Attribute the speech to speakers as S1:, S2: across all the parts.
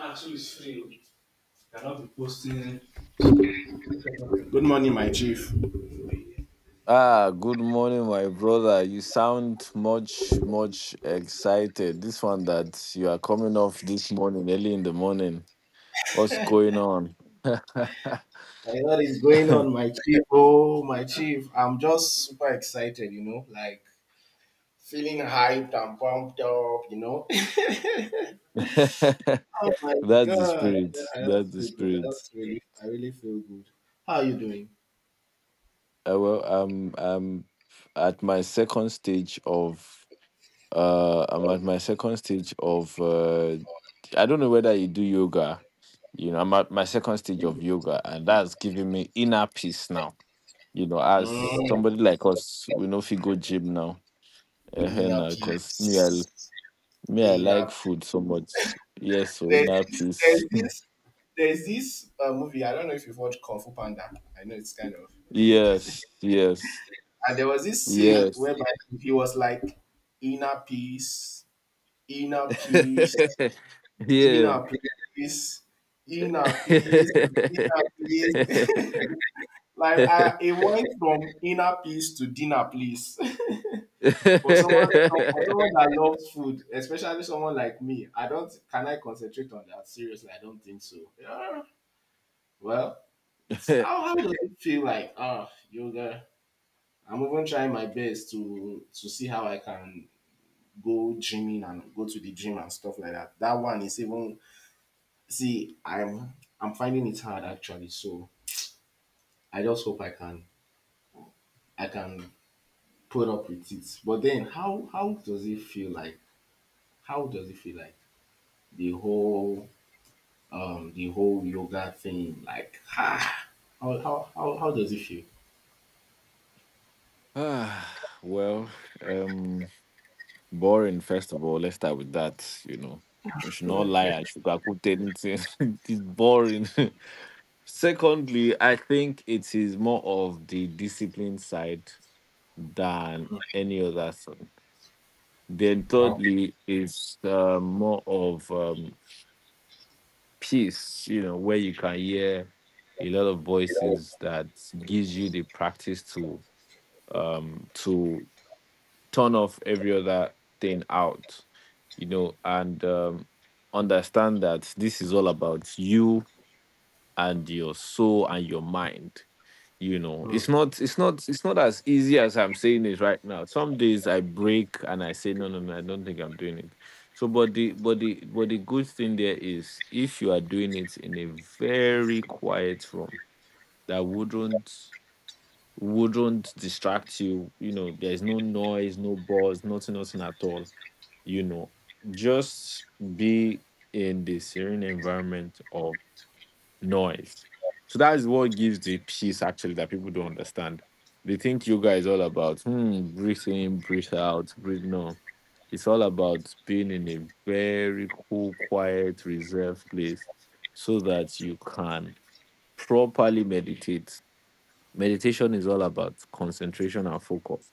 S1: Actually, it's free. Cannot be posting. Good morning, my chief.
S2: Ah, good morning, my brother. You sound much, much excited. This one that you are coming off this morning, early in the morning. What's going on? That's
S1: Like, what is going on, my chief? Oh, my chief, I'm just super excited, like feeling hyped and pumped up, you know. Oh my
S2: the
S1: god,
S2: spirit.
S1: I
S2: That's
S1: just
S2: the
S1: feel good. I
S2: spirit.
S1: just really feel good. How are you doing?
S2: Well, I'm at my second stage of uh I'm at my second stage of uh I don't know whether you do yoga. You know, I'm at my second stage of yoga, and that's giving me inner peace now. You know, as
S1: Mm,
S2: somebody like us, we know if you go gym now,
S1: inner
S2: because
S1: peace,
S2: I like
S1: inner.
S2: food so much. Yes, so
S1: There's
S2: inner
S1: this,
S2: peace.
S1: there's this, there's this movie. I don't know if you've watched Kung Fu Panda. I know it's kind of.
S2: Yes, yes,
S1: And there was this scene
S2: yes.
S1: whereby he was like, inner peace, inner peace,
S2: Yeah.
S1: inner peace, inner peace, inner peace. It went from inner peace to dinner, please. for someone for someone that loves food, especially someone like me, I don't can I concentrate on that? Seriously, I don't think so. Yeah. Well, it's how does it feel like? Ah, yoga. I'm even trying my best to see how I can go gymming and go to the gym and stuff like that. That one is even see, I'm finding it hard actually. So I just hope I can put up with it. But then how does it feel like? How does it feel like the whole the whole yoga thing? Like, ah, how does it feel?
S2: Ah, well, um. Boring, first of all. Let's start with that. You know, we should not lie
S1: Hmm.
S2: and sugarcoat anything. It's boring. Secondly, I think it is more of the discipline side than any other thing. Then,
S1: Wow.
S2: thirdly, it's more of peace, you know, where you can hear a lot of voices that gives you the practice to um to turn off every other thing out, you know, and understand that this is all about you and your soul and your mind. You know,
S1: Hmm.
S2: it's not as easy as I'm saying it right now. Some days I break and I say, no, no, no, I don't think I'm doing it. So, but the good thing there is, if you are doing it in a very quiet room, that wouldn't distract you. You know, there's no noise, no buzz, nothing, nothing at all. You know, just be in the serene environment of noise. So that is what gives the peace actually that people don't understand. They think yoga is all about hmm, breathe in, breathe out, breathe no. It's all about being in a very cool, quiet, reserved place so that you can properly meditate. Meditation is all about concentration and focus.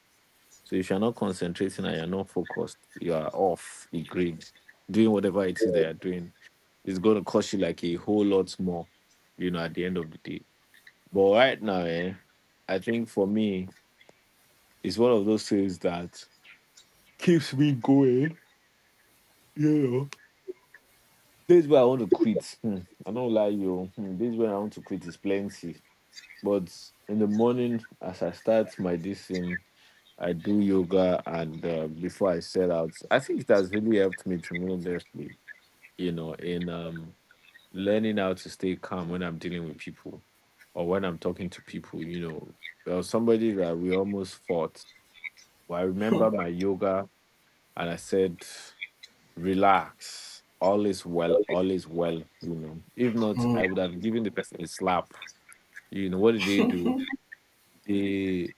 S2: So if you're not concentrating and you're not focused, you are off the grid, doing whatever it is they are doing. It's going to cost you like a whole lot more, you know, at the end of the day. But right now, eh, I think for me, it's one of those things that keeps me going, you know. This where I want to quit. Hmm, I don't lie you. Hmm, this where I want to quit is plenty. But in the morning, as I start my this thing, I do yoga, and before I set out, I think it has really helped me tremendously. You know, in learning how to stay calm when I'm dealing with people, or when I'm talking to people. You know, there was somebody that we almost fought. But I remember my yoga, and I said, "Relax, all is well, all is well." You know, if not,
S1: Hmm.
S2: I would have given the person a slap. You know, what did they do? They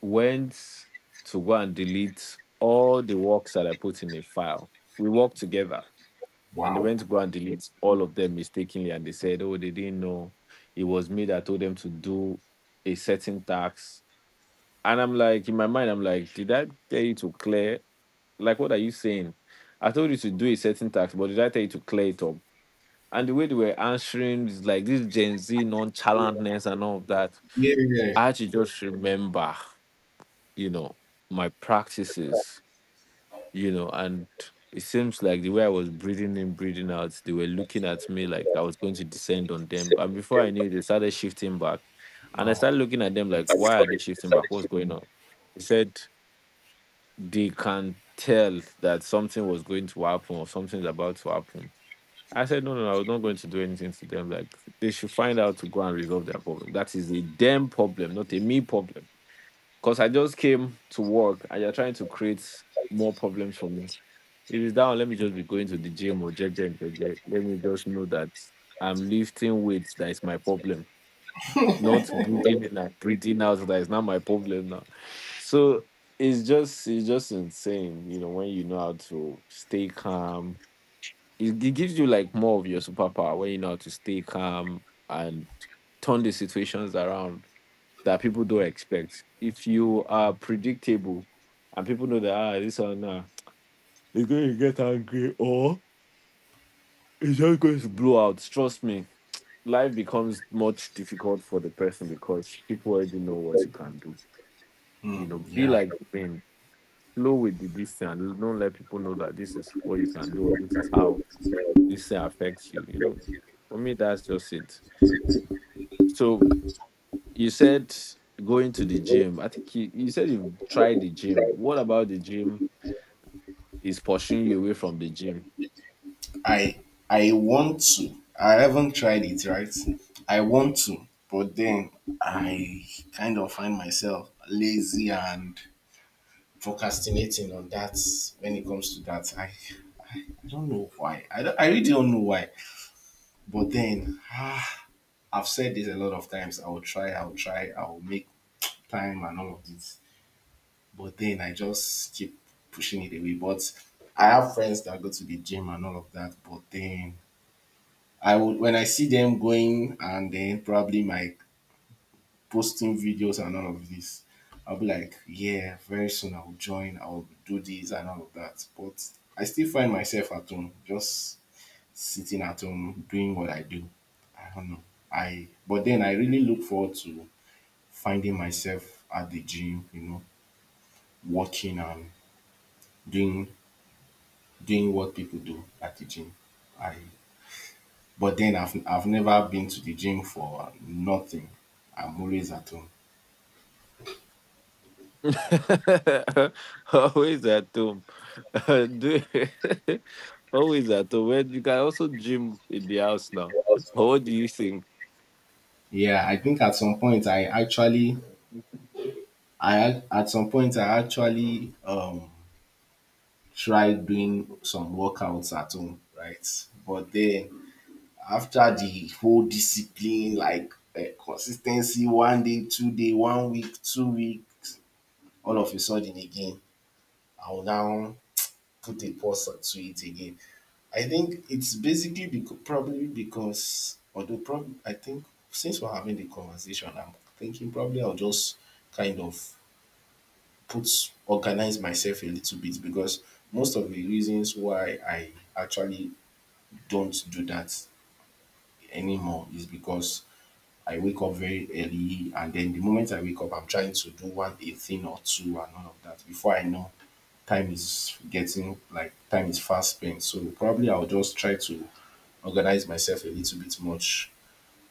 S2: went to go and delete all the works that I put in a file. We worked together and they
S1: Wow.
S2: went to go and delete all of them mistakenly. And they said, oh, they didn't know it was me that told them to do a certain tax. And I'm like, in my mind, I'm like, did I tell you to clear? Like, what are you saying? I told you to do a certain tax, but did I tell you to clear it up? And the way they were answering is like this Gen Z nonchalantness and all of that.
S1: Yeah, yeah.
S2: I had to just remember, you know, my practices, you know, and it seems like the way I was breathing in, breathing out, they were looking at me like I was going to descend on them. And before I knew it, they started shifting back. And I
S1: Wow.
S2: started looking at them like, why are they
S1: It's
S2: shifting back? What's going on? They said they can tell that something was going to happen or something's about to happen. I said, no, no, no, I was not going to do anything to them. Like, they should find out to go and resolve their problem. That is a them problem, not a me problem. Because I just came to work and you're trying to create more problems for me. If it's down, let me just be going to the gym or jet and forget. Let me just know that I'm lifting weights that is my problem. Not breathing in and breathing out that is not my problem now. So it's just insane, you know, when you know how to stay calm. It gives you like more of your superpower when you know how to stay calm and turn the situations around that people don't expect. If you are predictable and people know that ah, this one now is going to get angry or it's just going to blow out, trust me, life becomes much difficult for the person because people already know what you
S1: Like,
S2: can do.
S1: Mm,
S2: You know, be
S1: yeah,
S2: like being flow with the this and don't let people know that this is what you
S1: this is
S2: can do or
S1: what
S2: this
S1: I
S2: is
S1: know
S2: how
S1: necessarily.
S2: this thing affects you. You know, for me that's just it. So you said going to the gym. I think you said you've tried the gym. What about the gym is pushing you away from the gym?
S1: I I want to. I haven't tried it, right? I want to, but then I kind of find myself lazy and procrastinating on that when it comes to that. I don't know why. I really don't know why. But then I've said this a lot of times. I'll try, I'll make time and all of this. But then I just keep pushing it away. But I have friends that go to the gym and all of that. But then I would when I see them going and then probably my posting videos and all of this, I'll be like, yeah, very soon I'll join, I'll do this and all of that. But I still find myself at home, just sitting at home doing what I do. I don't know. I but then I really look forward to finding myself at the gym, you know, working and doing doing what people do at the gym. I but then I've never been to the gym for nothing. I'm always at home.
S2: Always at home. Do- always at home. Well, you can also gym in the house now. But what do you think?
S1: Yeah, I think at some point I actually I ac- at some point I actually tried doing some workouts at home, right? But then after the whole discipline, like, consistency, one day, 2 day, one week, 2 weeks, all of a sudden again, I will now put a pause to it again. I think it's basically because, probably because, although probably, I think since we're having the conversation, I'm thinking probably I'll just kind of put, organize myself a little bit because most of the reasons why I actually don't do that anymore is because I wake up very early and then the moment I wake up, I'm trying to do one a thing or two and all of that. Before I know, time is getting, like, time is fast spent. So probably I'll just try to organize myself a little bit much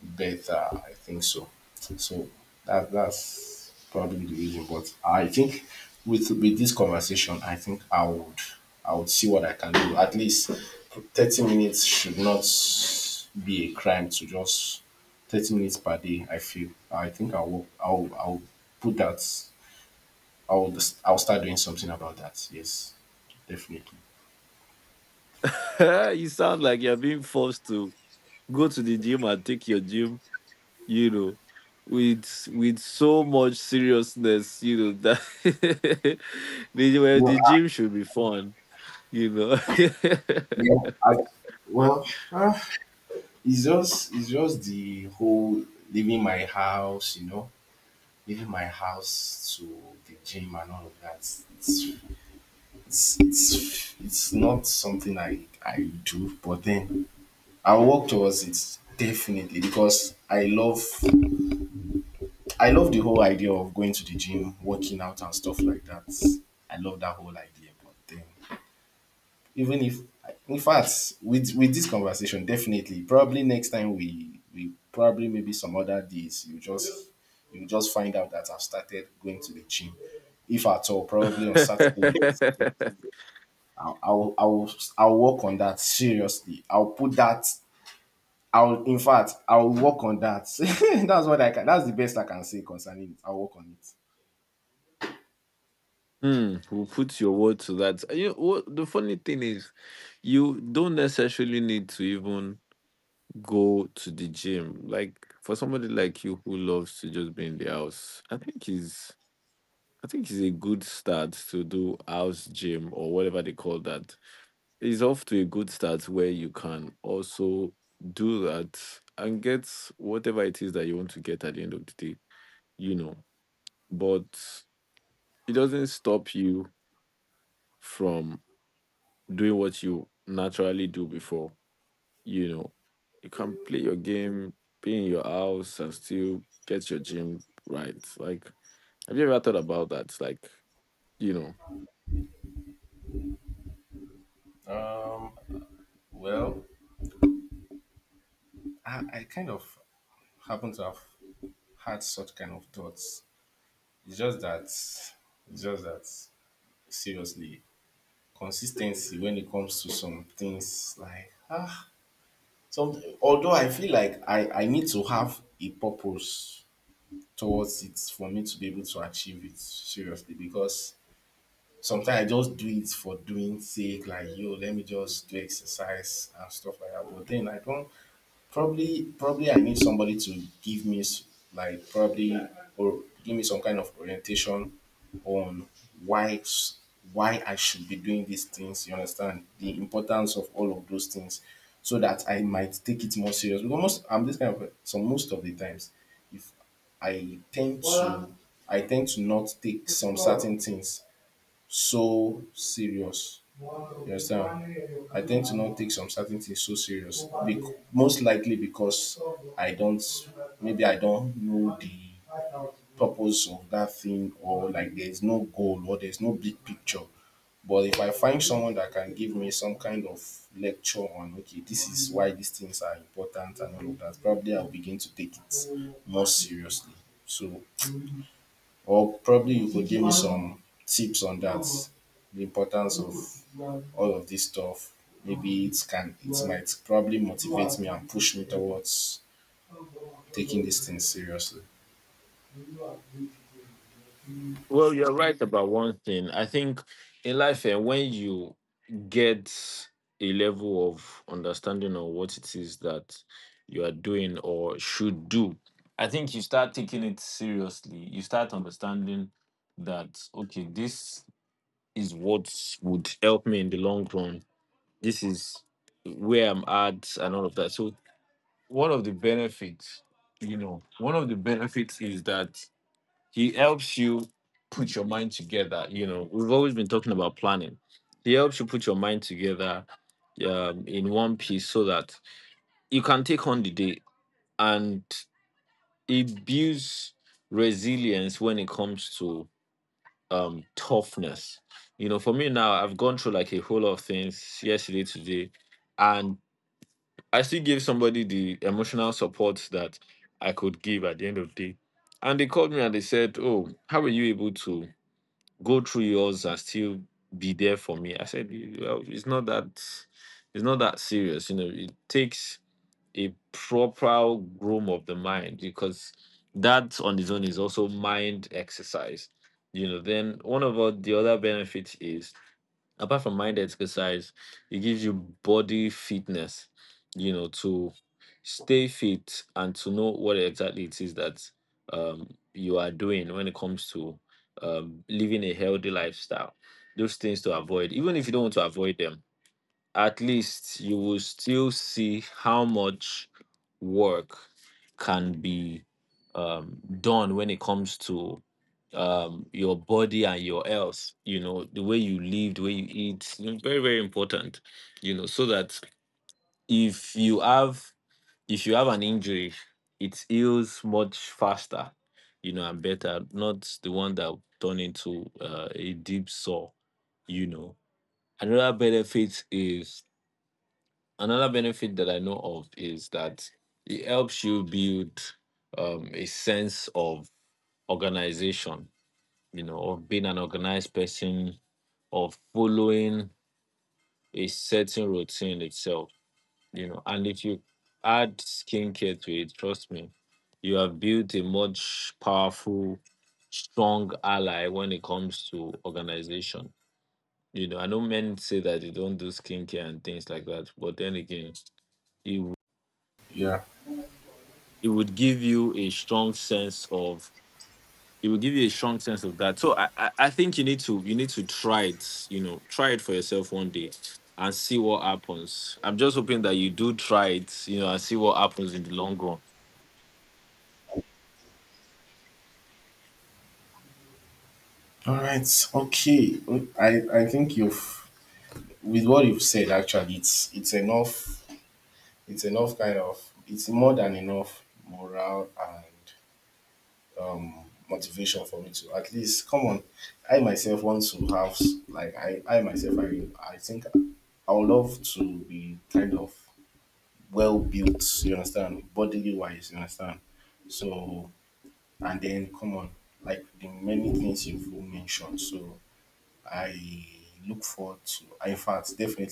S1: better. I think so. So that's probably the reason. But I think with this conversation, I think I would see what I can do. At least 30 minutes should not be a crime to just 30 minutes per day. I feel. I think I will. I'll put that. I'll I'll start doing something about that. Yes, definitely.
S2: You sound like you're being forced to go to the gym and take your gym, you know, with so much seriousness, you know, that the, well,
S1: No,
S2: the gym should be fun, you know.
S1: yeah, I, well, it's just the whole leaving my house, you know, leaving my house to the gym and all of that. It's not something I do, but then I'll work towards it definitely because I love the whole idea of going to the gym, working out and stuff like that. I love that whole idea, but then even if, in fact, with this conversation, definitely probably next time we probably maybe some other days, you just find out that I've started going to the gym. If at all, probably on Saturdays. i'll i'll i'll, I'll work on that seriously. I'll put that. I'll, in fact, I'll work on that. That's what I can, that's the best I can say concerning it. I'll work on it.
S2: Hmm, we'll put your word to that. And you what the funny thing is, you don't necessarily need to even go to the gym. Like for somebody like you who loves to just be in the house, I think is I think it's a good start to do house gym or whatever they call that. It's off to a good start where you can also do that and get whatever it is that you want to get at the end of the day, you know. But it doesn't stop you from doing what you naturally do before. You know, you can play your game, be in your house, and still get your gym right. Like, have you ever thought about that? Like, you know,
S1: um well I kind of happen to have had such kind of thoughts. It's just that, seriously, consistency when it comes to some things, like, some, although I feel like I need to have a purpose towards it for me to be able to achieve it seriously, because sometimes I just do it for doing sake, like, yo, let me just do exercise and stuff like that, but then I don't. Probably I need somebody to give me like probably, or give me some kind of orientation on why s- why I should be doing these things. You understand the importance of all of those things, so that I might take it more serious. Because most I'm this kind of a- so most of the times, if I tend to I tend to not take some certain things so serious. You understand? I tend to not take some certain things so serious. Most likely because I don't, maybe I don't know the purpose of that thing, or like there's no goal or there's no big picture. But if I find someone that can give me some kind of lecture on, okay, this is why these things are important and all of that, probably I'll begin to take it more seriously. So, or probably you could give me some tips on that, the importance of all of this stuff. Maybe it might probably motivate me and push me towards taking this thing seriously.
S2: well, you're right about one thing. I think in life, and when you get a level of understanding of what it is that you are doing or should do, I think you start taking it seriously. You start understanding that okay, this is what would help me in the long run. This is where I'm at and all of that. So one of the benefits, you know, one of the benefits is that he helps you put your mind together. You know, we've always been talking about planning. He helps you put your mind together in one piece so that you can take on the day and it builds resilience when it comes to toughness. You know, for me now, I've gone through like a whole lot of things yesterday, today, and I still give somebody the emotional support that I could give at the end of the day. And they called me and they said, oh, how were you able to go through yours and still be there for me? I said, well, it's not that serious. You know, it takes a proper groom of the mind because that on its own is also mind exercise. You know, then one of the other benefits is apart from mind exercise, it gives you body fitness, you know, to stay fit and to know what exactly it is that um, you are doing when it comes to living a healthy lifestyle. Those things to avoid, even if you don't want to avoid them, at least you will still see how much work can be done when it comes to your body and your health. You know, the way you live, the way you eat, you know, very very important. You know, so that if you have if you have an injury, it heals much faster. You know, and better, not the one that turn into a deep sore. You know, another benefit is another benefit that I know of is that it helps you build a sense of organization, you know, of being an organized person, of following a certain routine itself, you know. And if you add skincare to it, trust me, you have built a much powerful, strong ally when it comes to organization. You know, I know men say that they don't do skincare and things like that, but then again, it
S1: Yeah.
S2: it would give you a strong sense of it would give you a strong sense of that. So I think you need to try it, you know, try it for yourself one day and see what happens. I'm just hoping that you do try it, you know, and see what happens in the long run.
S1: All right. Okay. I think you've with what you've said, actually, it's enough, kind of, it's more than enough morale and motivation for me to at least come on. I myself want to have like I myself I think I would love to be kind of well built. You understand, bodily wise. You understand. So and then come on, like the many things you've mentioned. So I look forward to. In fact, definitely